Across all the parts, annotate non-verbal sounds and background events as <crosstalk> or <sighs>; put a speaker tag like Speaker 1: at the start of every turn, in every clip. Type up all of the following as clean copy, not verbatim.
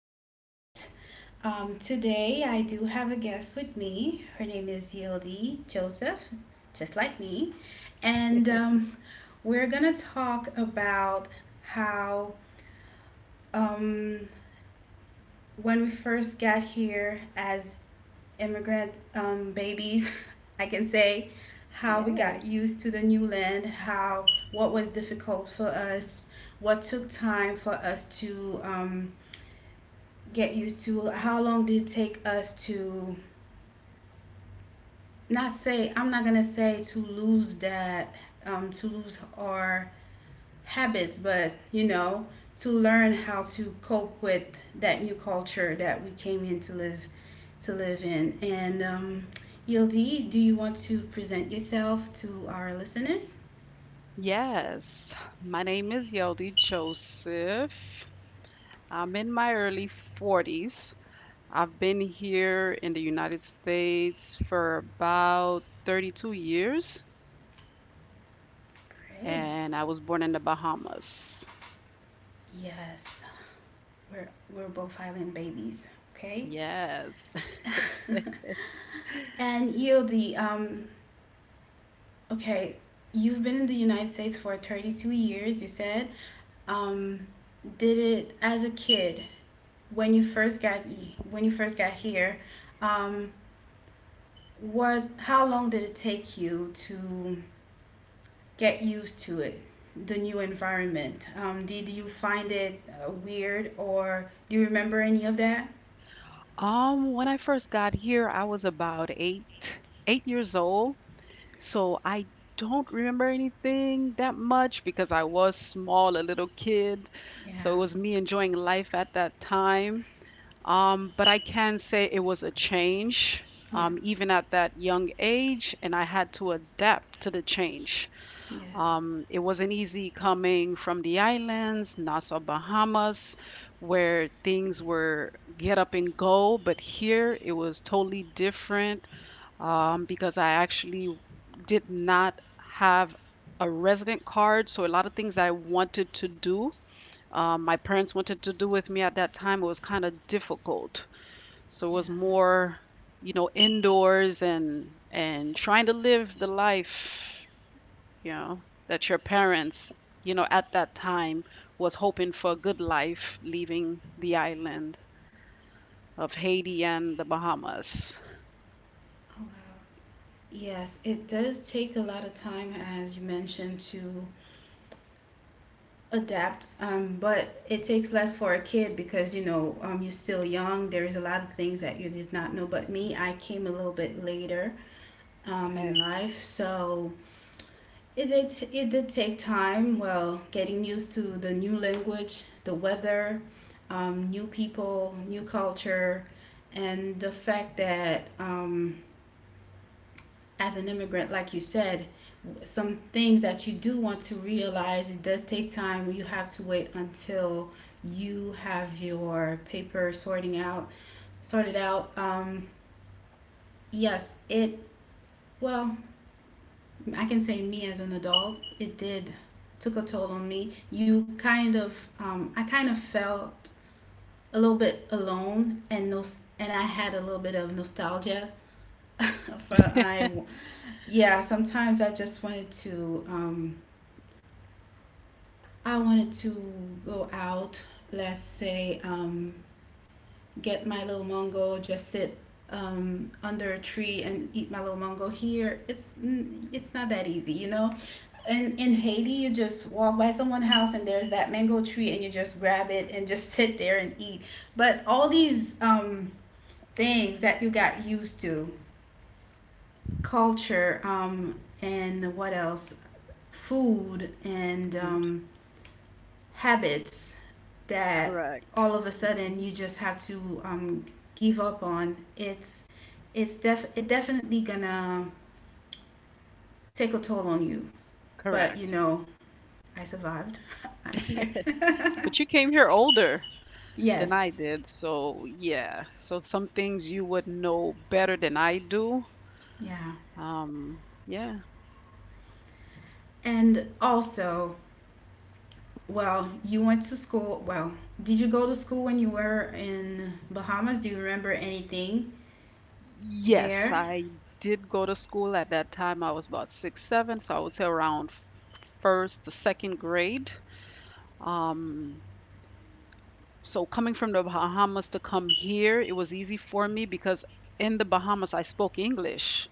Speaker 1: podcast. Today, I do have a guest with me. Her name is Yildi Joseph, just like me. And We're going to talk about how um, when we first got here as immigrant babies, <laughs> I can say how we
Speaker 2: Yes,
Speaker 1: got used to the new land, how what was difficult for us, what took time for us to get used to, how long did it take us to not say I'm not gonna say to lose that to lose our habits, but to learn how to cope with that new culture that we came in to live in. And Yildi, do you want to present yourself to our listeners?
Speaker 2: yes. My name is Yeldy Joseph. I'm in my early 40s. I've been here in the United States for about 32 years,
Speaker 1: Great.
Speaker 2: and I was born in the Bahamas.
Speaker 1: Yes, we're we're both island babies. Okay.
Speaker 2: Yes. <laughs>
Speaker 1: <laughs> And Yildi, okay, you've been in the United States for 32 years. You said, um, did it as a kid. When you first got here, um, what how long did it take you to get used to it, the new environment? Did you find it weird, or do you remember any of that?
Speaker 2: When I first got here, I was about 8 years old. So I don't remember anything that much because I was small, a little kid. So it
Speaker 1: Yeah.
Speaker 2: was me enjoying life at that time. But I can say it was a change,
Speaker 1: Yeah.
Speaker 2: even at that young age, and I had to adapt to the change.
Speaker 1: Yes.
Speaker 2: It wasn't easy coming from the islands, Nassau, Bahamas, where things were get up and go, but here it was totally different because I actually did not have a resident card. So a lot of things that I wanted to do, my parents wanted to do with me at that time, it was kind of difficult. So it
Speaker 1: Yeah.
Speaker 2: was more, indoors and trying to live the life, you know, that your parents, at that time was hoping for a good life leaving the island of Haiti and the Bahamas.
Speaker 1: Oh, wow. Yes, it does take a lot of time, as you mentioned, to adapt, but it takes less for a kid because, you know, you're still young, there is a lot of things that you did not know. But me, I came a little bit later
Speaker 2: Okay.
Speaker 1: in life, so it did take time. Well, getting used to the new language, the weather, new people, new culture, and the fact that, as an immigrant, like you said, some things that you do want to realize, it does take time. You have to wait until you have your paper sorting out sorted out. Yes it well I can say, me as an adult, it did took a toll on me. You kind of, I kind of felt a little bit alone, and no and I had a little bit of nostalgia. <laughs> for I yeah Sometimes I just wanted to, I wanted to go out, let's say, get my little mango, just sit under a tree and eat my little mango. Here, it's not that easy, you know. And in Haiti, you just walk by someone's house and there's that mango tree and you just grab it and just <laughs> sit there and eat. But all these things that you got used to, culture, food, and
Speaker 2: Mhm.
Speaker 1: um, habits that
Speaker 2: Correct.
Speaker 1: all of a sudden you just have to, give up on, it definitely gonna take a toll on you. But you
Speaker 2: Correct.
Speaker 1: know, I survived. <laughs> I'm here. <laughs>
Speaker 2: But you came here older than I
Speaker 1: Yes.
Speaker 2: did, so yeah. So some things you would know better than I do.
Speaker 1: Yeah.
Speaker 2: Yeah.
Speaker 1: And also, well, you went to school. Well, did you go to school when you were in Bahamas? Do you remember anything
Speaker 2: Yes,
Speaker 1: there?
Speaker 2: I did go to school at that time. I was about six, seven, so I would say around first to second grade. Um, so coming from the Bahamas to come here, it was easy for me because in the Bahamas I spoke English.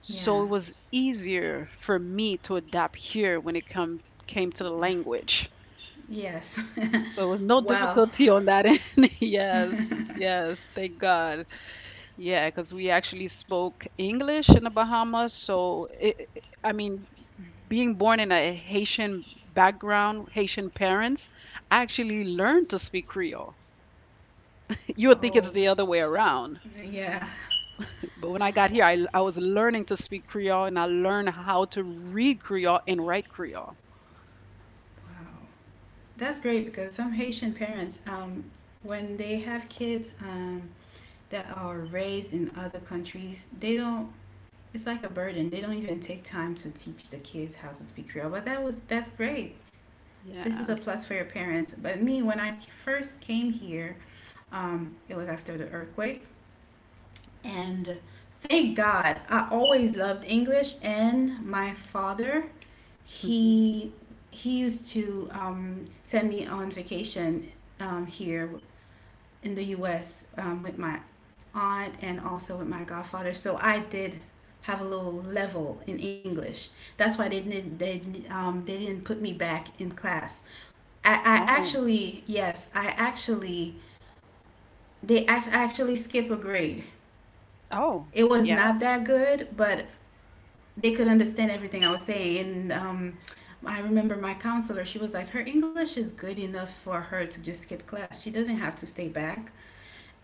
Speaker 2: So
Speaker 1: Yeah.
Speaker 2: it was easier for me to adapt here when it come came to the language.
Speaker 1: Yes. <laughs>
Speaker 2: So it was no
Speaker 1: Well,
Speaker 2: difficulty on that end. <laughs> Yes.
Speaker 1: <laughs>
Speaker 2: Yes, thank God. Yeah, because we actually spoke English in the Bahamas. So, I mean, being born in a Haitian background, Haitian parents, I actually learned to speak Creole. <laughs> You would think it's
Speaker 1: oh,
Speaker 2: the other way around.
Speaker 1: yeah.
Speaker 2: But when I got here, I was learning to speak Creole and I learned how to read Creole and write Creole.
Speaker 1: Wow, that's great, because some Haitian parents, when they have kids that are raised in other countries, they don't. It's like a burden. They don't even take time to teach the kids how to speak Creole. But that's great. This is
Speaker 2: Yeah.
Speaker 1: a plus for your parents. But me, when first came here, it was after the earthquake, and thank God, I always loved English. And my father,
Speaker 2: Hmm.
Speaker 1: he he used to send me on vacation, here in the U.S. With my aunt and also with my godfather. So I did have a little level in English. That's why they didn't put me back in class. I, I
Speaker 2: Oh,
Speaker 1: actually yes I actually, they actually skip a grade.
Speaker 2: oh,
Speaker 1: It was
Speaker 2: yeah.
Speaker 1: not that good, but they could understand everything I was saying. And I remember my counselor, she was like, her English is good enough for her to just skip class. She doesn't have to stay back.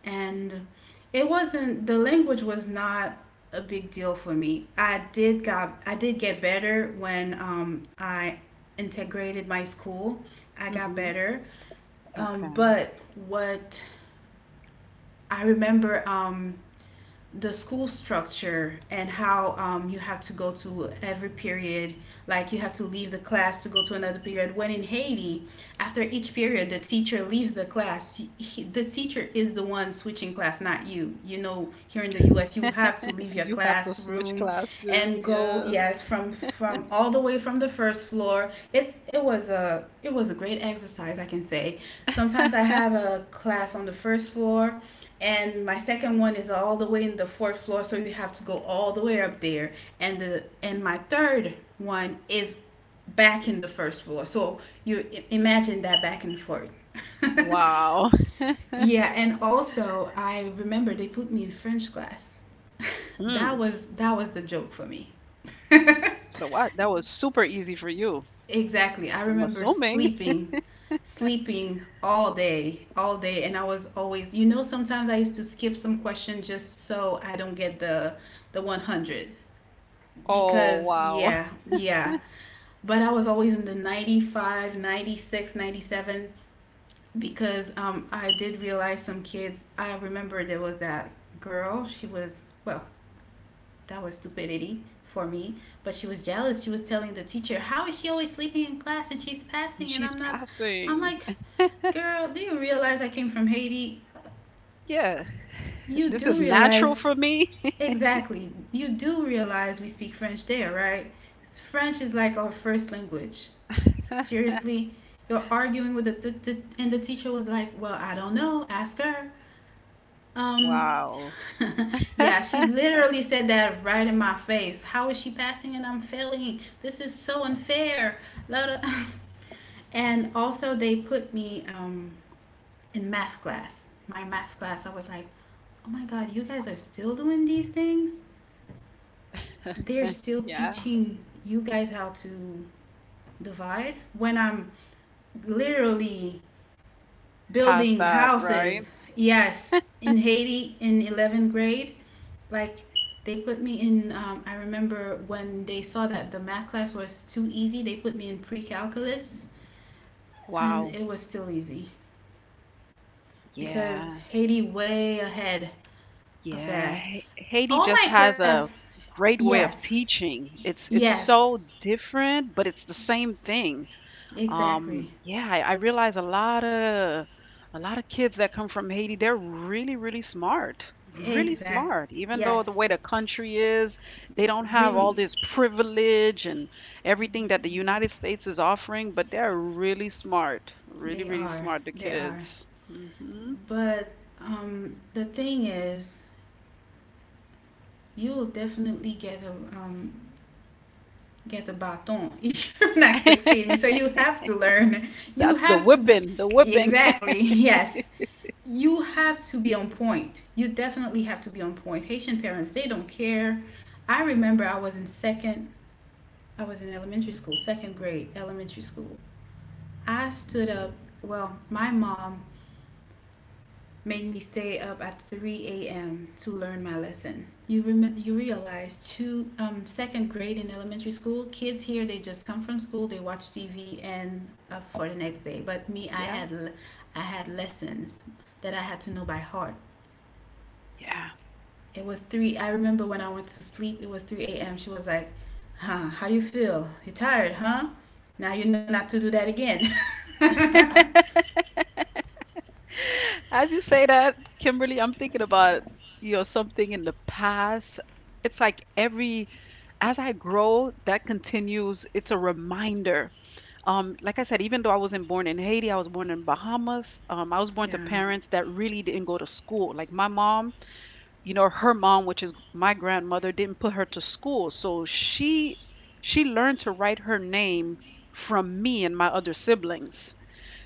Speaker 1: And it wasn't, the language was not a big deal for me. I did get better when, I integrated my school. I got
Speaker 2: Hmm.
Speaker 1: better.
Speaker 2: Okay.
Speaker 1: But What I remember, the school structure and how, you have to go to every period, like you have to leave the class to go to another period. When in Haiti, after each period, the teacher leaves the class. The teacher is the one switching class, not you. You know, here in the U.S., you have to leave your
Speaker 2: You have to switch
Speaker 1: classroom
Speaker 2: classes.
Speaker 1: and go.
Speaker 2: Yes.
Speaker 1: Yes, from all the way from the first floor. It was a great exercise, I can say. Sometimes I have a class on the first floor and my second one is all the way in the fourth floor, so you have to go all the way up there, and my third one is back in the first floor, so you imagine that back and forth. <laughs>
Speaker 2: Wow.
Speaker 1: Yeah. And also, I remember they put me in French class. <laughs> that
Speaker 2: Mm.
Speaker 1: was that was the joke for me. <laughs>
Speaker 2: So what? That was super easy for you.
Speaker 1: Exactly. I
Speaker 2: I'm
Speaker 1: remember
Speaker 2: assuming.
Speaker 1: sleeping all day, and I was always, you know, sometimes I used to skip some question just so I don't get the 100,
Speaker 2: Oh,
Speaker 1: because
Speaker 2: wow.
Speaker 1: yeah, yeah. But I was always in the 95, 96, 97, because I did realize some kids. I remember there was that girl, well, that was stupidity for me. But she was jealous. She was telling the teacher, "How is she always sleeping in class and she's
Speaker 2: And
Speaker 1: passing and
Speaker 2: she's
Speaker 1: I'm not?" I'm
Speaker 2: passing.
Speaker 1: like, "Girl, do you realize I came from Haiti?
Speaker 2: Yeah.
Speaker 1: You
Speaker 2: This
Speaker 1: do
Speaker 2: is natural
Speaker 1: realize,
Speaker 2: for me.
Speaker 1: exactly. You do realize we speak French there, right? French is like our first language.
Speaker 2: <laughs>
Speaker 1: Seriously." You're arguing with the and the teacher was like, "Well, I don't know. Ask her." Um,
Speaker 2: Wow.
Speaker 1: <laughs> yeah, she literally said that right in my face. How is she passing and I'm failing? This is so unfair. <laughs> And also, they put me, in math class. My math class, I was like, oh my God, you guys are still doing these things? They're still
Speaker 2: Yeah.
Speaker 1: teaching you guys how to divide when I'm literally
Speaker 2: Past
Speaker 1: building
Speaker 2: that, right?
Speaker 1: houses. Yes, in Haiti in 11th grade, like they put me in. I remember when they saw that the math class was too easy, they put me in pre calculus, and
Speaker 2: Wow.
Speaker 1: it was still easy because
Speaker 2: Yeah.
Speaker 1: Haiti way ahead of
Speaker 2: Yeah.
Speaker 1: that.
Speaker 2: Haiti
Speaker 1: All
Speaker 2: just
Speaker 1: my
Speaker 2: has
Speaker 1: class,
Speaker 2: a great way of
Speaker 1: yes,
Speaker 2: teaching. It's
Speaker 1: yes,
Speaker 2: so different, but it's the same thing.
Speaker 1: exactly,
Speaker 2: Yeah, I realize a lot of kids that come from Haiti, they're really, really smart, really
Speaker 1: exact,
Speaker 2: smart. Even though
Speaker 1: yes,
Speaker 2: the way the country is, they don't have all
Speaker 1: really,
Speaker 2: this privilege and everything that the United States is offering, but they're really smart, really,
Speaker 1: they
Speaker 2: really
Speaker 1: are,
Speaker 2: smart, the
Speaker 1: they are.
Speaker 2: kids. Hmm.
Speaker 1: But the thing is, you'll definitely get a, um, get a baton <laughs> if you're not succeeding.
Speaker 2: <laughs>
Speaker 1: So you have to learn. You
Speaker 2: That's the
Speaker 1: have to,
Speaker 2: whipping, the whipping.
Speaker 1: exactly. <laughs> Yes. You have to be on point. You definitely have to be on point. Haitian parents, they don't care. I remember I was in second. I was in elementary school, second grade elementary school. I stood up. Well, my mom made me stay up at 3 a.m. to learn my lesson. You realize two second grade in elementary school kids here, they just come from school, they watch TV and up for the next day. But me,
Speaker 2: Yeah,
Speaker 1: I had lessons that I had to know by heart.
Speaker 2: yeah.
Speaker 1: It was three. I remember when I went to sleep it was 3 a.m. She was like, "Huh? How you feel? You tired? Huh? Now you know not to do that again." <laughs>
Speaker 2: As you say that, Kimberly, I'm thinking about something in the past. It's like every as I grow, that continues. It's a reminder. Like I said, even though I wasn't born in Haiti, I was born in Bahamas. I was born to
Speaker 1: Yeah,
Speaker 2: parents that really didn't go to school. Like my mom, her mom, which is my grandmother, didn't put her to school, so she learned to write her name from me and my other siblings.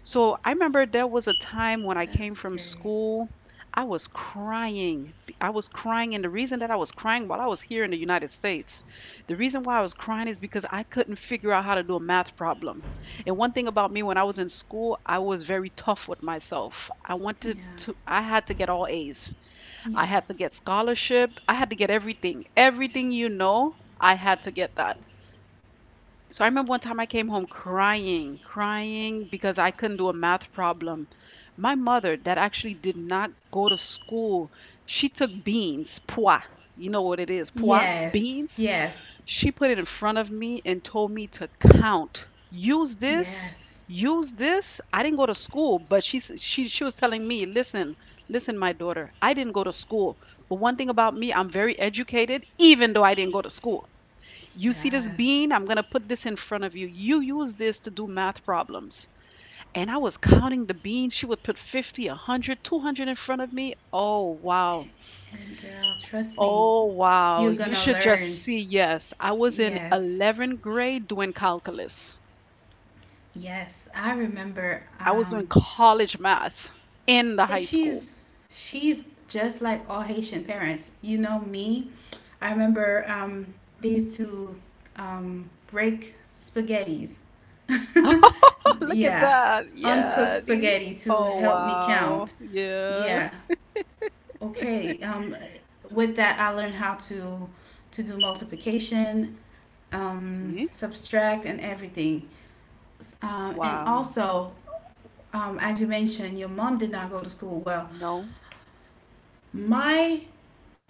Speaker 2: So I remember there was a time when I came
Speaker 1: that's
Speaker 2: from
Speaker 1: great.
Speaker 2: school, I was crying. I was crying, and the reason that I was crying while I was here in the United States, the reason why I was crying is because I couldn't figure out how to do a math problem. And one thing about me when I was in school, I was very tough with myself.
Speaker 1: Yeah,
Speaker 2: I had to get all A's. I
Speaker 1: yeah.
Speaker 2: had to get scholarship. I had to get everything. Everything, I had to get that. So I remember one time I came home crying, crying because I couldn't do a math problem. My mother, that actually did not go to school, she took beans, pois. You know what it is, pois,
Speaker 1: Yes,
Speaker 2: beans.
Speaker 1: yes,
Speaker 2: She put it in front of me and told me to count. Use this,
Speaker 1: yes,
Speaker 2: use this. I didn't go to school, but she s- she was telling me, "Listen, listen, my daughter, I didn't go to school, but one thing about me, I'm very educated, even though I didn't go to school." You see this
Speaker 1: yes.
Speaker 2: bean? I'm going to put this in front of you. You use this to do math problems. And I was counting the beans. She would put 50, 100, 200 in front of me. Oh, wow.
Speaker 1: And girl, trust me,
Speaker 2: Oh, wow.
Speaker 1: you're
Speaker 2: You
Speaker 1: gonna
Speaker 2: should just
Speaker 1: learn.
Speaker 2: see. Yes, I was in
Speaker 1: Yes,
Speaker 2: 11th grade doing calculus.
Speaker 1: yes. I remember.
Speaker 2: I was doing college math in the high school.
Speaker 1: She's she's just like all Haitian parents. You know me. I remember they used to break spaghettis. <laughs>
Speaker 2: <laughs> Look at
Speaker 1: Yeah,
Speaker 2: that.
Speaker 1: uncooked
Speaker 2: Yeah. These.
Speaker 1: spaghetti to
Speaker 2: Oh,
Speaker 1: help me
Speaker 2: wow.
Speaker 1: count.
Speaker 2: Yeah.
Speaker 1: Yeah. Okay. With that, I learned how to do multiplication,
Speaker 2: See?
Speaker 1: subtract, and everything. Um, and
Speaker 2: Wow.
Speaker 1: also, as you mentioned, your mom did not go to school. Well,
Speaker 2: No.
Speaker 1: my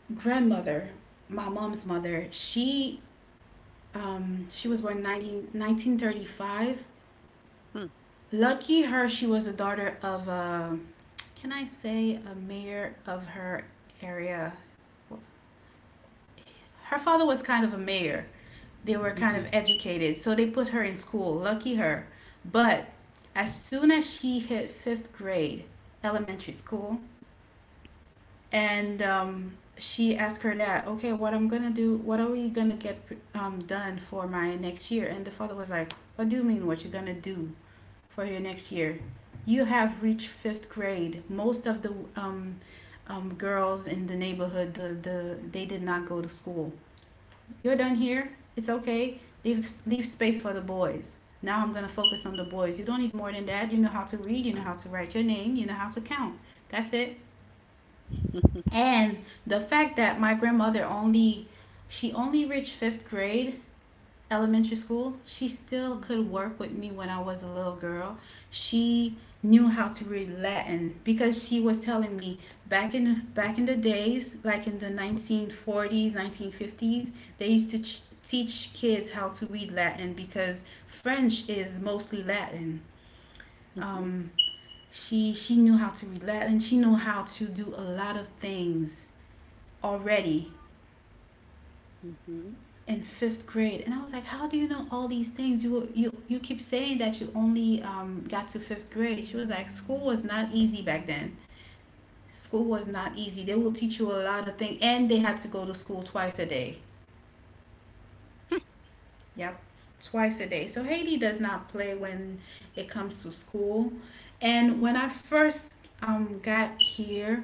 Speaker 1: grandmother, my mom's mother, she, she was born 1935.
Speaker 2: Hmm.
Speaker 1: Lucky her, she was a daughter of a, can I say, a mayor of her area. Her father was kind of a mayor. They were kind of
Speaker 2: Mhm.
Speaker 1: educated, so they put her in school. Lucky her. But as soon as she hit fifth grade, elementary school, and she asked her dad, "Okay, what I'm gonna do? What are we gonna get, done for my next year?" And the father was like, "What do you mean? What you are gonna do for your next year? You have reached fifth grade. Most of the girls in the neighborhood, they did not go to school. You're done here. It's okay. Leave space for the boys. Now I'm gonna focus on the boys. You don't need more than that. You know how to read. You know how to write your name. You know how to count. That's it."
Speaker 2: <laughs>
Speaker 1: And the fact that my grandmother only, she only reached fifth grade elementary school, she still could
Speaker 2: Mhm.
Speaker 1: work with me when I was a little girl. She knew how to read Latin because she was telling me back in the days, like in the 1940s, 1950s, they used to teach kids how to read Latin because French is mostly Latin.
Speaker 2: Mhm,
Speaker 1: Um, she knew how to read Latin. She knew how to do a lot of things already
Speaker 2: mhm,
Speaker 1: in fifth grade. And I was like, how do you know all these things? You keep saying that you only got to fifth grade. She was like, school was not easy back then. School was not easy. They will teach you a lot of things, and they had to go to school twice a day. Yep, twice a day. So Haiti does not play when it comes to school. And when I first got here,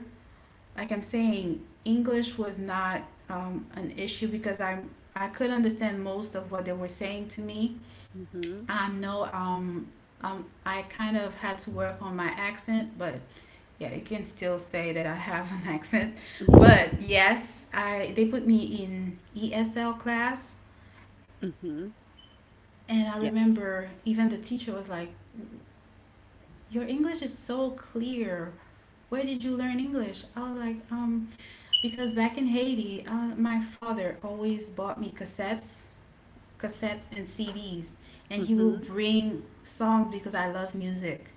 Speaker 1: like I'm saying, English was not an issue because I could understand most of what they were saying to me.
Speaker 2: mhm.
Speaker 1: I know I kind of had to work on my accent, but yeah, you can still say that I have an <laughs> accent.
Speaker 2: Mhm. <laughs>
Speaker 1: But yes, I they put me in ESL class, and I
Speaker 2: Yeah.
Speaker 1: remember even the teacher was like, "Your English is so clear. Where did you learn English?" I was like, because back in Haiti, my father always bought me cassettes, cassettes and CDs, and he will
Speaker 2: Mhm.
Speaker 1: bring songs because I love music.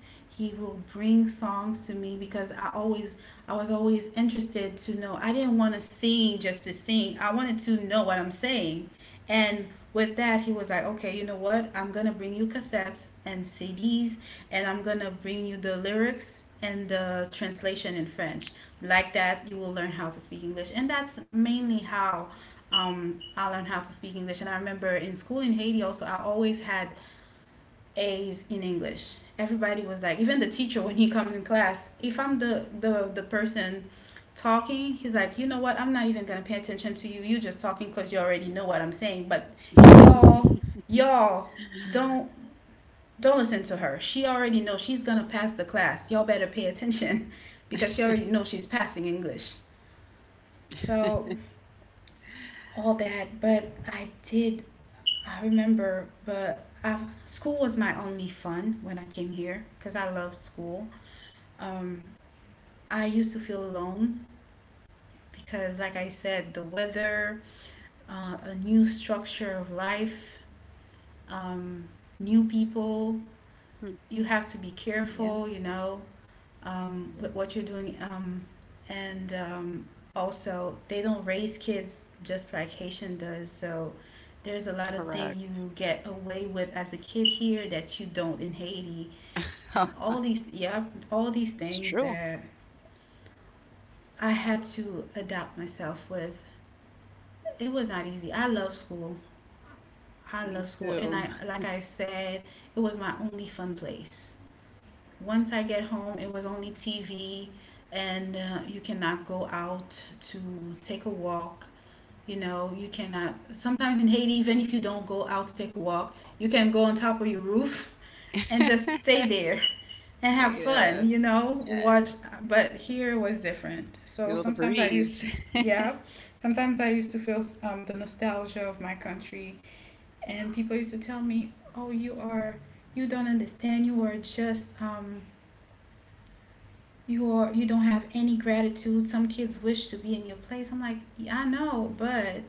Speaker 1: He will bring songs to me because I always, I was always interested to know. I didn't want to sing just to sing. I wanted to know what I'm saying. And with that, he was like, "Okay, you know what? I'm going to bring you cassettes and CDs, and I'm going to bring you the lyrics and the translation in French. Like that, you will learn how to speak English." And that's mainly how I learned how to speak English. And I remember in school in Haiti also, I always had A's in English. Everybody was like, even the teacher when he comes in class, if I'm the person talking, he's like, you know what? I'm not even gonna pay attention to you. You just talking because you already know what I'm saying. But y'all,
Speaker 2: <laughs>
Speaker 1: y'all, don't don't listen to her. She already knows she's gonna pass the class. Y'all better pay attention <laughs> because she already knows she's passing English. So all that, but I remember, but school was my only fun when I came here because I loved school. Um, I used to feel alone because, like I said, the weather, a new structure of life, um, new people,
Speaker 2: Hmm.
Speaker 1: you have to be
Speaker 2: Yeah,
Speaker 1: careful, you know,
Speaker 2: yeah,
Speaker 1: with what you're doing. And also, they don't raise kids just like Haitian does. So there's a lot of things you
Speaker 2: correct.
Speaker 1: get away with as a kid here that you don't in Haiti.
Speaker 2: Huh,
Speaker 1: And all these, yeah, all these
Speaker 2: it's
Speaker 1: things
Speaker 2: true.
Speaker 1: that I had to adapt myself with. It was not easy. I love school. I
Speaker 2: Me
Speaker 1: love school. And
Speaker 2: too.
Speaker 1: like I said, it was my only fun place. Once I get home, it was only TV, and you cannot go out to take a walk. You know, you cannot. Sometimes in Haiti, even if you don't go out to take a walk, you can go on top of your roof <laughs> and just
Speaker 2: <laughs>
Speaker 1: stay there and have
Speaker 2: Stay
Speaker 1: fun,
Speaker 2: there.
Speaker 1: you know,
Speaker 2: Yeah,
Speaker 1: watch. But here it was different. So
Speaker 2: feel the
Speaker 1: sometimes I used to,
Speaker 2: breeze.
Speaker 1: yeah, sometimes I used to feel the nostalgia of my country. And people used to tell me, oh, you don't understand, you are just you are, you don't have any gratitude. Some kids wish to be in your place. I'm like, yeah, I know, but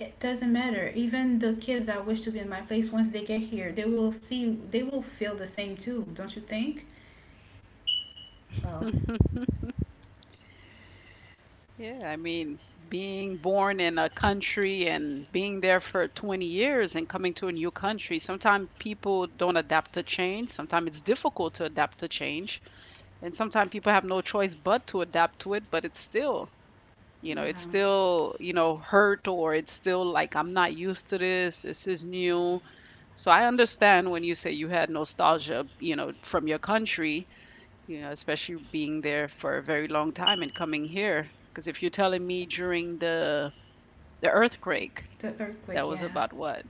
Speaker 1: it doesn't matter. Even the kids that wish to be in my place, once they get here, they will feel the same too, don't you think? Well,
Speaker 2: <laughs> Yeah, I mean, being born in a country and being there for 20 years and coming to a new country, sometimes people don't adapt to change. Sometimes it's difficult to adapt to change. And sometimes people have no choice but to adapt to it, but it's still you know it's
Speaker 1: yeah,
Speaker 2: still you know hurt, or it's still like I'm not used to this. Is new. So I understand when you say you had nostalgia from your country, especially being there for a very long time and coming here. Because if you're telling me during the earthquake,
Speaker 1: the
Speaker 2: that
Speaker 1: earthquake,
Speaker 2: was
Speaker 1: yeah.
Speaker 2: about what,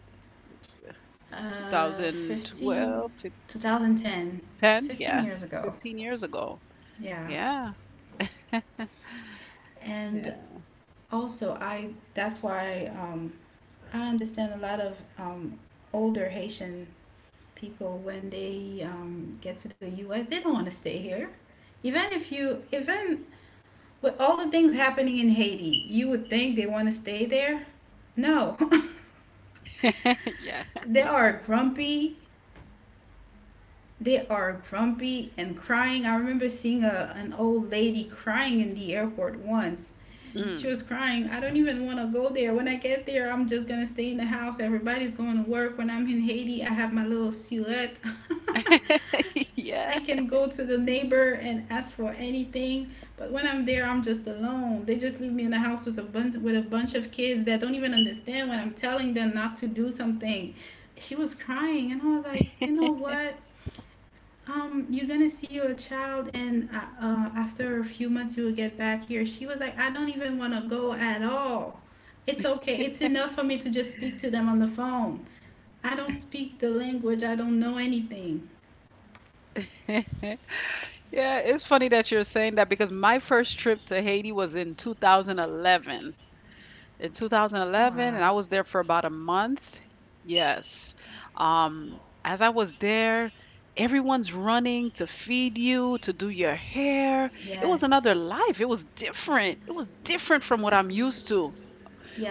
Speaker 1: 15
Speaker 2: 2012?
Speaker 1: 2010,
Speaker 2: 10?
Speaker 1: fifteen
Speaker 2: Yeah.
Speaker 1: years ago.
Speaker 2: 15 years ago.
Speaker 1: Yeah.
Speaker 2: Yeah.
Speaker 1: And
Speaker 2: Yeah.
Speaker 1: also, I that's why I understand a lot of older Haitian people when they get to the U.S. They don't want to stay here. Even if you, even with all the things happening in Haiti, you would think they want to stay there. No,
Speaker 2: <laughs> Yeah.
Speaker 1: <laughs> they are grumpy. They are grumpy and crying. I remember seeing a an old lady crying in the airport once. She
Speaker 2: Mm.
Speaker 1: was crying. I don't even want to go there. When I get there, I'm just going to stay in the house. Everybody's going to work. When I'm in Haiti, I have my little silhouette.
Speaker 2: <laughs>
Speaker 1: <laughs>
Speaker 2: Yeah.
Speaker 1: I can go to the neighbor and ask for anything, but when I'm there, I'm just alone. They just leave me in the house with a bunch of kids that don't even understand when I'm telling them not to do something. She was crying, and I was like, you know what? You're gonna see your child, and after a few months, you will get back here. She was like, I don't even want to go at all. It's okay. It's enough for me to just speak to them on the phone. I don't speak the language. I don't know anything.
Speaker 2: <laughs> Yeah, it's funny that you're saying that because my first trip to Haiti was in 2011. In 2011,
Speaker 1: Wow.
Speaker 2: and I was there for about a month. Yes. As I was there, everyone's running to feed you, to do your hair. It was
Speaker 1: Yes.
Speaker 2: another life. It was different. It was different from what I'm used to.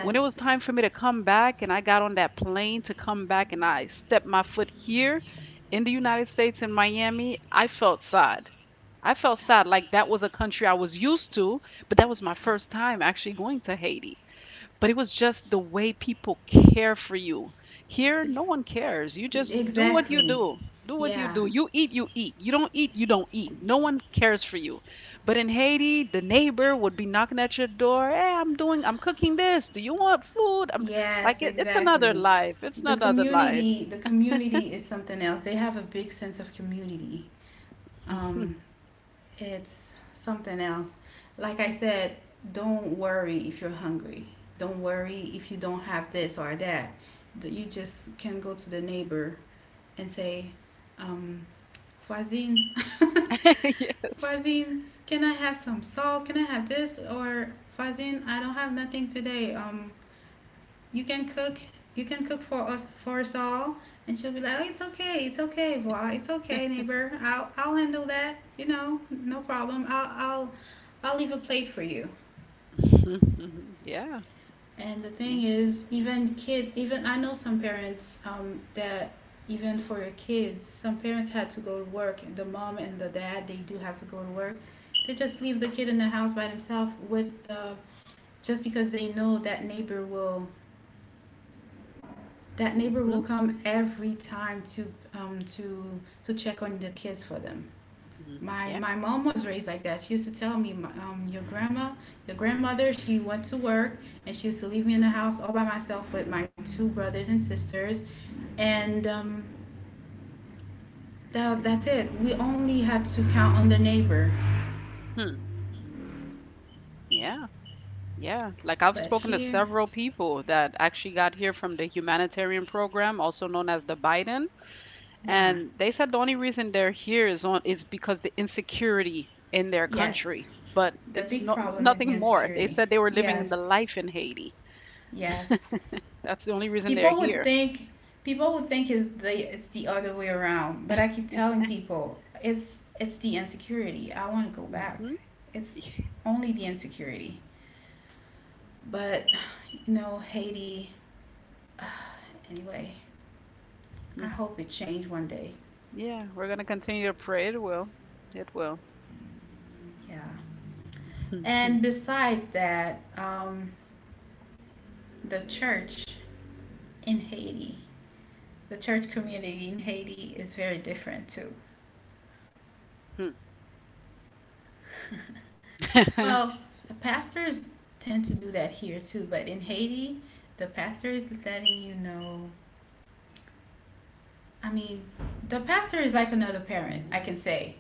Speaker 2: When it was time for me to come back, and I got on that plane to come back, and I stepped my foot here in the United States in Miami, I felt sad, like that was a country I was used to, but that was my
Speaker 1: Yeah.
Speaker 2: first time actually going to Haiti. But it was just the way people care for you. Here,
Speaker 1: The,
Speaker 2: no one cares. You just do what you
Speaker 1: exactly.
Speaker 2: do. Do what you
Speaker 1: Yeah.
Speaker 2: do. You eat, you eat. You don't eat, you don't eat. No one cares for you. But in Haiti, the neighbor would be knocking at your door. Hey, I'm cooking this. Do you want food? I'm like,
Speaker 1: Yes.
Speaker 2: it's another
Speaker 1: Exactly.
Speaker 2: life. It's
Speaker 1: The
Speaker 2: another life.
Speaker 1: community. The community is something else. They have a big sense of community. Um, it's something else. Like I said, don't worry if you're hungry. Don't worry if you don't have this or that. You just can go to the neighbor and say, um, voisine, <laughs>
Speaker 2: <laughs> Yes.
Speaker 1: voisine, can I have some salt? Can I have this? Or voisine, I don't have nothing today. You can cook you can cook for us all, and she'll be like, oh, it's okay, it's okay, Voa. It's okay, neighbor. I'll handle that, you know, no problem. I'll leave a plate for you.
Speaker 2: <laughs> Yeah.
Speaker 1: And the thing
Speaker 2: Mm-hmm.
Speaker 1: is, even kids, even I know some parents that, even for your kids, some parents had to go to work. The mom and the dad, they do have to go to work. They just leave the kid in the house by themselves with the just because they know that
Speaker 2: Mm-hmm.
Speaker 1: neighbor
Speaker 2: Yeah.
Speaker 1: will come every time to to check on the kids for them.
Speaker 2: Hmm.
Speaker 1: My
Speaker 2: Yeah.
Speaker 1: my mom was raised like that. She used to tell me, your grandmother, she went to work, and she used to leave me in the house all by myself with my two brothers and sisters, and that's it. We only had to count on the neighbor.
Speaker 2: Yeah, yeah. Like I've
Speaker 1: But
Speaker 2: spoken to
Speaker 1: here,
Speaker 2: several people that actually got here from the humanitarian program, also known as the Biden,
Speaker 1: yeah,
Speaker 2: and they said the only reason they're here is because the insecurity in their
Speaker 1: yes,
Speaker 2: country, but
Speaker 1: the
Speaker 2: it's
Speaker 1: big
Speaker 2: not
Speaker 1: problem is the
Speaker 2: nothing more. They
Speaker 1: insecurity.
Speaker 2: said they were living the
Speaker 1: Yes,
Speaker 2: life in Haiti.
Speaker 1: yes.
Speaker 2: That's the only reason they're
Speaker 1: People would
Speaker 2: here.
Speaker 1: think People would think it's the other way around, but I keep telling people it's the insecurity. I want to go back.
Speaker 2: Hmm.
Speaker 1: It's only the insecurity. But you know, Haiti. <sighs> Anyway,
Speaker 2: Mm.
Speaker 1: I hope it changed one day.
Speaker 2: Yeah, we're gonna continue to pray. It will. It will.
Speaker 1: Yeah.
Speaker 2: <laughs> Hmm.
Speaker 1: And besides that, the church in Haiti, the church community in Haiti is very different too.
Speaker 2: <laughs>
Speaker 1: Well, the pastors tend to do that here too, but in Haiti, the pastor is letting you know. I mean, the pastor is like another parent, I can say.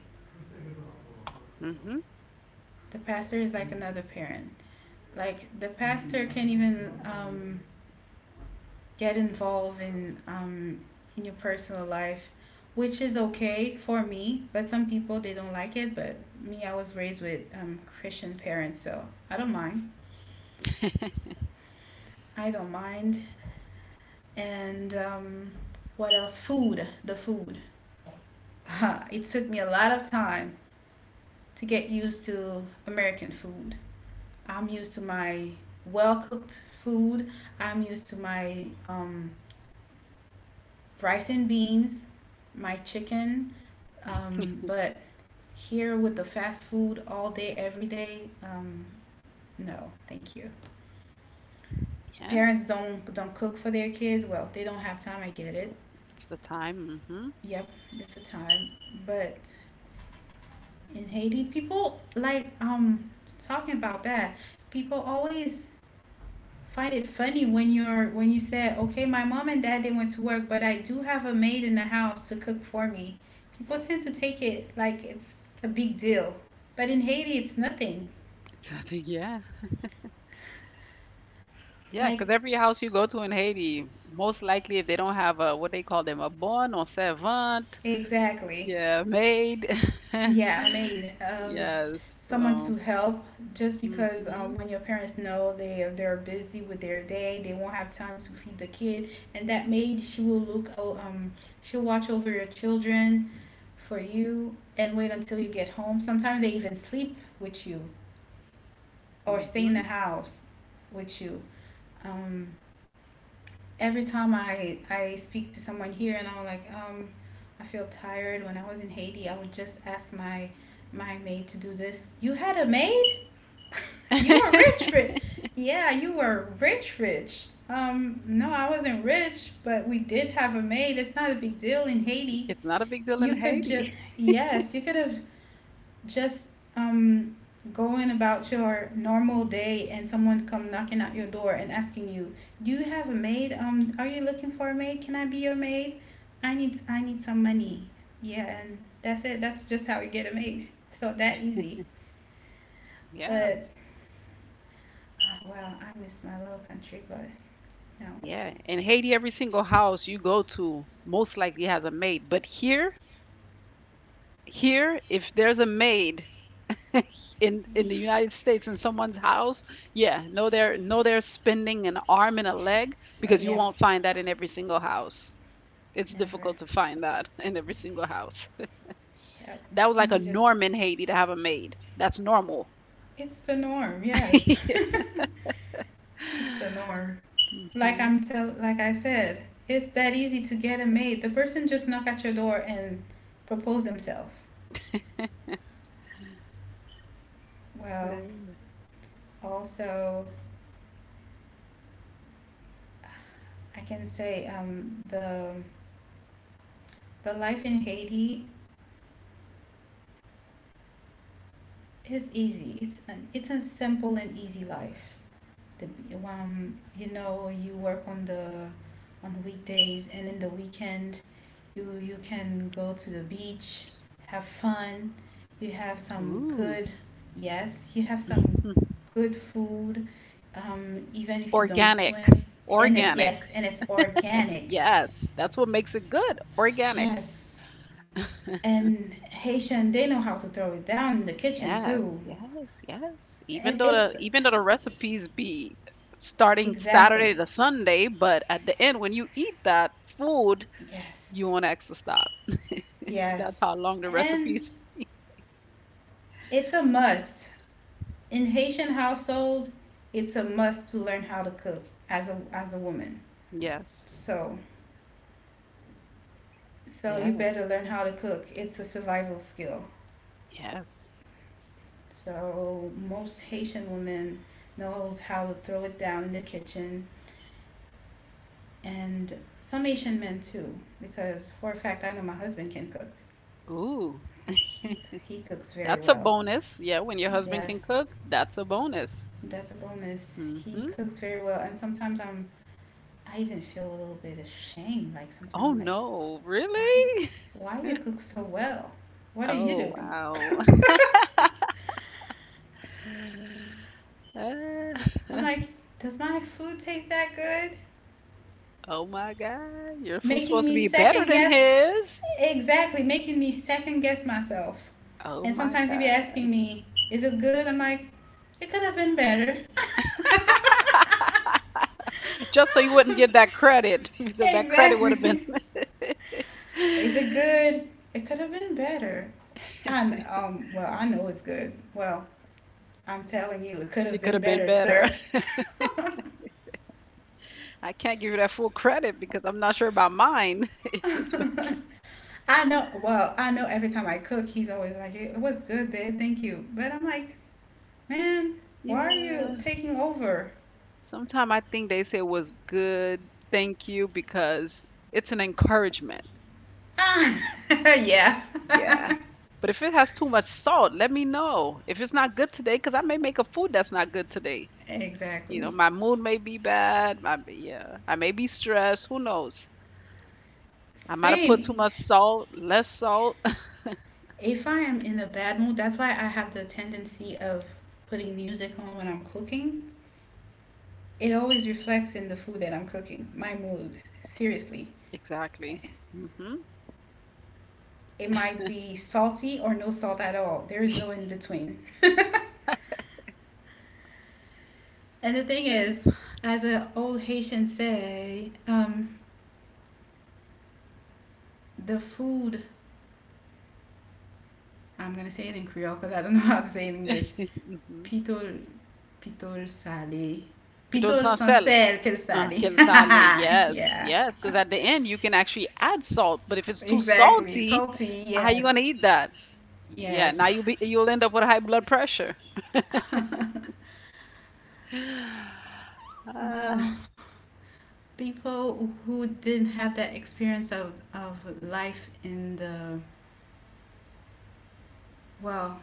Speaker 1: The pastor is like another parent. Like, the pastor can even get involved in your personal life, which is okay for me, but some people they don't like it. But me, I was raised with Christian parents, so I don't mind. I don't mind. And What else? Food, the food. <laughs> It took me a lot of time to get used to American food. I'm used to my well cooked food. I'm used to my rice and beans, my chicken. But here with the fast food all day, every day, no, thank you.
Speaker 2: Yeah,
Speaker 1: Parents don't cook for their kids. Well, they don't have time. I get it.
Speaker 2: it's the time. Hmm.
Speaker 1: Yep, it's a time, but in Haiti, people like talking about that. People always find it funny when you said, "Okay, my mom and dad, they went to work, but I do have a maid in the house to cook for me." People tend to take it like it's a big deal, but in Haiti, it's nothing.
Speaker 2: It's <laughs> the, yeah. Yeah,
Speaker 1: Like
Speaker 2: cause every house you go to in Haiti, most likely if they don't have a what they call them, a bonne or servante,
Speaker 1: exactly.
Speaker 2: yeah, maid. <laughs>
Speaker 1: Yeah, a maid.
Speaker 2: Yes.
Speaker 1: Someone to
Speaker 2: So,
Speaker 1: help. Just because
Speaker 2: mhm,
Speaker 1: when your parents know they're busy with their day, they won't have time to feed the kid, and that maid she will look. She'll watch over your children, for you, and wait until you get home. Sometimes they even sleep with you or stay in the
Speaker 2: mhm.
Speaker 1: house with you. Um, every time I speak to someone here and I'm like, I feel tired. When I was in Haiti, I would just ask my maid to do this. You had a maid? <laughs> You were rich,
Speaker 2: <laughs>
Speaker 1: rich. Yeah, you were rich, rich. No, I wasn't rich, but we did have a maid. It's not a big deal in Haiti.
Speaker 2: It's not a big deal in
Speaker 1: You could
Speaker 2: Haiti.
Speaker 1: just yes, you could have just um, going about your normal day and someone come knocking at your door and asking you, "Do you have a maid? Are you looking for a maid? Can I be your maid? I need some money." Yeah, and that's it. That's just how you get a maid. So that easy.
Speaker 2: Yeah,
Speaker 1: But oh, well, I miss my little country, but no. <laughs>
Speaker 2: yeah. In Haiti, every single house you go to most likely has a maid. But here, if there's a maid, in the United States in someone's house, yeah, no, they're spending an arm and a leg because
Speaker 1: Right?
Speaker 2: you
Speaker 1: Yep,
Speaker 2: won't find that in every single house. It's difficult
Speaker 1: never.
Speaker 2: to find that in every single house.
Speaker 1: Yep.
Speaker 2: That was like a
Speaker 1: You just
Speaker 2: norm in Haiti to have a maid. That's normal.
Speaker 1: it's the norm. Yes. <laughs>
Speaker 2: <laughs>
Speaker 1: It's the norm. Like
Speaker 2: Hmm.
Speaker 1: I'm tell like I said, it's that easy to get a mate. The person just knock at your door and propose themselves. Well, also I can say the life in Haiti is easy. It's an it's a simple and easy life. The you know you work on the on weekdays and in the weekend you can go to the beach, have fun. You have some
Speaker 2: Ooh.
Speaker 1: good yes, you have some
Speaker 2: <laughs>
Speaker 1: good food, even if you don't
Speaker 2: Organic.
Speaker 1: swim and it
Speaker 2: Organic.
Speaker 1: yes, and it's organic.
Speaker 2: Yes, that's what makes it good. Organic.
Speaker 1: Yes. And Haitian they know how to throw it down in the kitchen
Speaker 2: Yes,
Speaker 1: too.
Speaker 2: yes, yes. Even
Speaker 1: And
Speaker 2: though
Speaker 1: it's
Speaker 2: the recipes be starting Saturday
Speaker 1: exactly.
Speaker 2: to Sunday, but at the end when you eat that food,
Speaker 1: Yes.
Speaker 2: you want to extra stop. <laughs> That's
Speaker 1: Yes.
Speaker 2: how long the
Speaker 1: And
Speaker 2: recipes.
Speaker 1: it's a must. In Haitian household, it's a must to learn how to cook as a woman.
Speaker 2: Yes,
Speaker 1: So so you
Speaker 2: yes,
Speaker 1: better learn how to cook. It's a survival skill.
Speaker 2: yes.
Speaker 1: So most Haitian women knows how to throw it down in the kitchen and some Haitian men too because for a fact I know my husband can cook.
Speaker 2: Ooh,
Speaker 1: He cooks very
Speaker 2: that's a
Speaker 1: well.
Speaker 2: bonus. Yeah, when your husband can
Speaker 1: Yes,
Speaker 2: cook, that's a bonus.
Speaker 1: that's a bonus. He
Speaker 2: Mm-hmm.
Speaker 1: cooks very well and sometimes I'm I even feel a little bit ashamed, like sometimes
Speaker 2: Oh
Speaker 1: I'm like
Speaker 2: no,
Speaker 1: why
Speaker 2: really? <laughs>
Speaker 1: you cook so well, what are you
Speaker 2: Oh
Speaker 1: doing?
Speaker 2: wow. <laughs>
Speaker 1: I'm
Speaker 2: Uh, <laughs>
Speaker 1: like, does my food taste that good?
Speaker 2: oh my God, your food's
Speaker 1: Making
Speaker 2: supposed to
Speaker 1: me
Speaker 2: be better
Speaker 1: second
Speaker 2: than
Speaker 1: guess,
Speaker 2: his.
Speaker 1: exactly, making me second guess myself.
Speaker 2: Oh
Speaker 1: And
Speaker 2: my
Speaker 1: sometimes you would be
Speaker 2: God.
Speaker 1: asking me, is it good? I'm like, it could have been better. <laughs>
Speaker 2: Just so you wouldn't get that credit <laughs> because that credit would have been,
Speaker 1: Exactly.
Speaker 2: <laughs>
Speaker 1: Is it
Speaker 2: it
Speaker 1: good? It could have been better. And well I know it's good. Well, I'm telling you it could have
Speaker 2: could
Speaker 1: been
Speaker 2: have been
Speaker 1: better,
Speaker 2: better.
Speaker 1: sir. <laughs>
Speaker 2: <laughs> I can't give you that full credit because I'm not sure about mine. <laughs> If it's, be-
Speaker 1: <laughs> I know. Well, I know every time I cook, he's always like, "It was good, babe. Thank you." But I'm like, "Man, why are you
Speaker 2: yeah.
Speaker 1: taking over?"
Speaker 2: Sometimes I think they say it was good, thank you, because it's an encouragement.
Speaker 1: Ah, <laughs> yeah.
Speaker 2: Yeah. But if it has too much salt, let me know. If it's not good today, because I may make a food that's not good today. You
Speaker 1: <laughs> Exactly.
Speaker 2: know, my mood may be bad. My, yeah, I may be stressed. Who knows? I might have put too
Speaker 1: Same.
Speaker 2: much salt, less salt. <laughs>
Speaker 1: If I am in a bad mood, that's why I have the tendency of putting music on when I'm cooking. It always reflects in the food that I'm cooking, my mood. Seriously.
Speaker 2: Exactly. Hmm.
Speaker 1: It might be salty or no salt at all. There is no in between. <laughs> And the thing is, as an old Haitian say, the food, I'm going to say it in Creole because I don't <laughs> know how to say it in English.
Speaker 2: Hmm.
Speaker 1: Pitol, pitol salé.
Speaker 2: People
Speaker 1: Pitol
Speaker 2: don't
Speaker 1: sans
Speaker 2: sell.
Speaker 1: sel que le salé.
Speaker 2: Quel sale.
Speaker 1: <laughs>
Speaker 2: Yes,
Speaker 1: Yeah,
Speaker 2: yes. Because at the end, you can actually add salt. But if it's too
Speaker 1: exactly.
Speaker 2: salty,
Speaker 1: Salty,
Speaker 2: how you
Speaker 1: yes.
Speaker 2: gonna eat that? Yeah, now
Speaker 1: Yes.
Speaker 2: you'll end up with high blood pressure.
Speaker 1: <laughs>
Speaker 2: <sighs> Uh,
Speaker 1: Well, people who didn't have that experience of, life in the, well,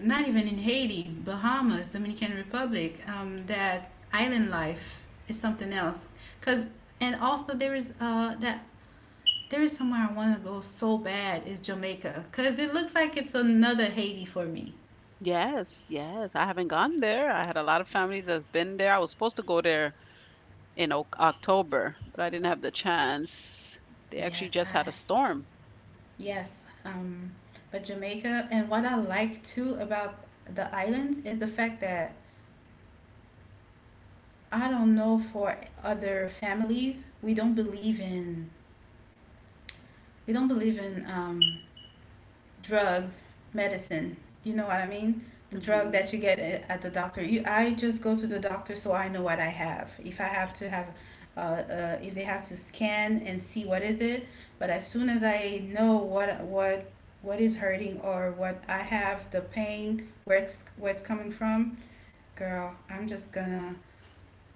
Speaker 1: not even in Haiti, Bahamas, Dominican Republic, that island life is something else. Cause and also there is that there is somewhere I want to go so bad is Jamaica, cause it looks like it's another Haiti for me.
Speaker 2: yes, yes. I haven't gone there. I had a lot of families that's been there. I was supposed to go there in Oc October, but I didn't have the chance. They actually
Speaker 1: Yes,
Speaker 2: just had a
Speaker 1: I
Speaker 2: storm.
Speaker 1: yes, um, but Jamaica, and what I like too about the islands is the fact that I don't know for other families we don't believe in we don't believe in um drugs, medicine. You know what I mean? The drug that you get at the doctor. You, I just go to the doctor so I know what I have. If I have to have, if they have to scan and see what is it. But as soon as I know what is hurting or what I have, the pain, where it's coming from, girl, I'm just gonna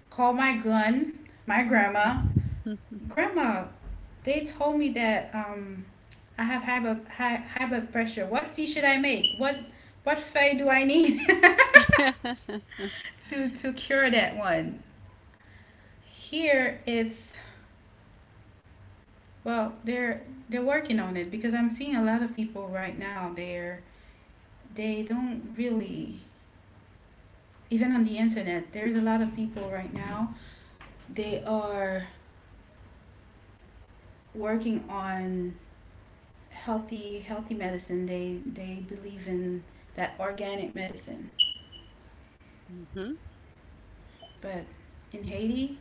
Speaker 1: call my gun, my grandma,
Speaker 2: Hmm. <laughs>
Speaker 1: Grandma, they told me that, I have high blood, high, blood pressure. What tea should I make? What fay do I need
Speaker 2: <laughs>
Speaker 1: <laughs> to cure that one? Here it's well, they're working on it because I'm seeing a lot of people right now. They're they don't really even on the internet. There's a lot of people right now. They are working on healthy medicine. They believe in that organic medicine.
Speaker 2: Hmm.
Speaker 1: But in Haiti,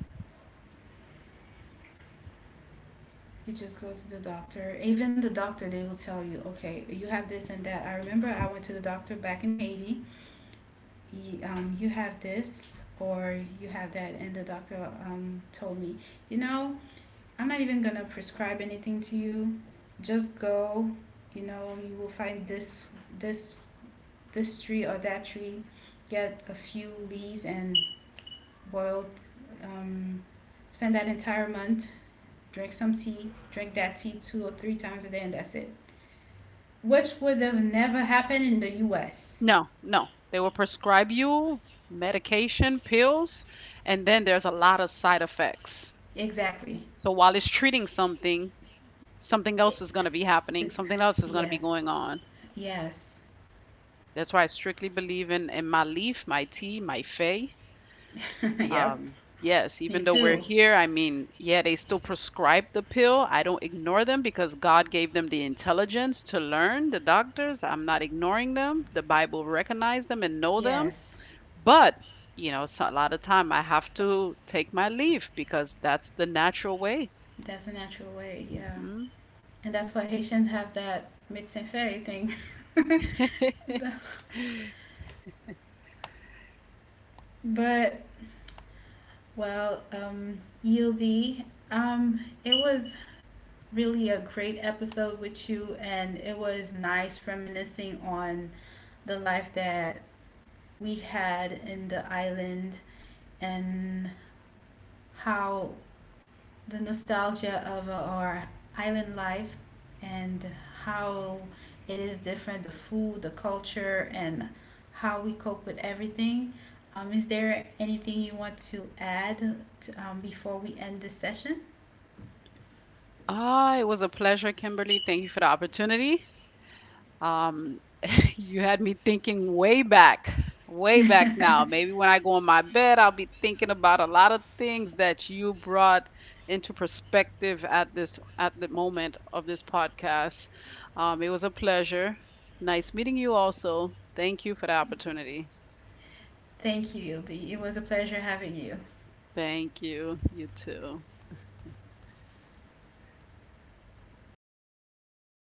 Speaker 1: you just go to the doctor. Even the doctor, they will tell you, okay, you have this and that. I remember I went to the doctor back in Haiti. He, you have this or you have that, and the doctor, told me, you know, I'm not even gonna prescribe anything to you. Just go. You know, you will find this this tree or that tree. Get a few leaves and boil. Um, spend that entire month drink some tea, drink that tea two or three times a day, and that's it. Which would have never happened in the U.S.
Speaker 2: No, no. They will prescribe you medication, pills, and then there's a lot of side effects.
Speaker 1: Exactly.
Speaker 2: So while it's treating something, something else
Speaker 1: It
Speaker 2: is going to be happening,
Speaker 1: is.
Speaker 2: something else is going to be
Speaker 1: Yes.
Speaker 2: going on.
Speaker 1: Yes.
Speaker 2: That's why I strictly believe in my leaf, my tea, my fey.
Speaker 1: <laughs> Yep.
Speaker 2: Yes, even
Speaker 1: Me
Speaker 2: though we're
Speaker 1: too.
Speaker 2: here, I mean, yeah, they still prescribe the pill. I don't ignore them because God gave them the intelligence to learn, the doctors. I'm not ignoring them. The Bible recognize them and know them.
Speaker 1: Yes.
Speaker 2: But a lot of time I have to take my leave because that's the natural way.
Speaker 1: That's a natural way. Yeah.
Speaker 2: Hmm.
Speaker 1: And that's why Haitians have that médecin fait thing. <laughs> But well, Yieldy, it was really a great episode with you, and it was nice reminiscing on the life that we had in the island, and how the nostalgia of our island life, and how it is different, the food, the culture, and how we cope with everything. Is there anything you want to add to, before we end this session?
Speaker 2: Ah, it was a pleasure, Kimberly. Thank you for the opportunity. Um, <laughs> you had me thinking way back now.
Speaker 1: <laughs>
Speaker 2: Maybe when I go in my bed, I'll be thinking about a lot of things that you brought into perspective at this at the moment of this podcast. It was a pleasure. Nice meeting you also. Thank you for the opportunity.
Speaker 1: Thank you, Yildi. It was a pleasure having you.
Speaker 2: Thank you. You too.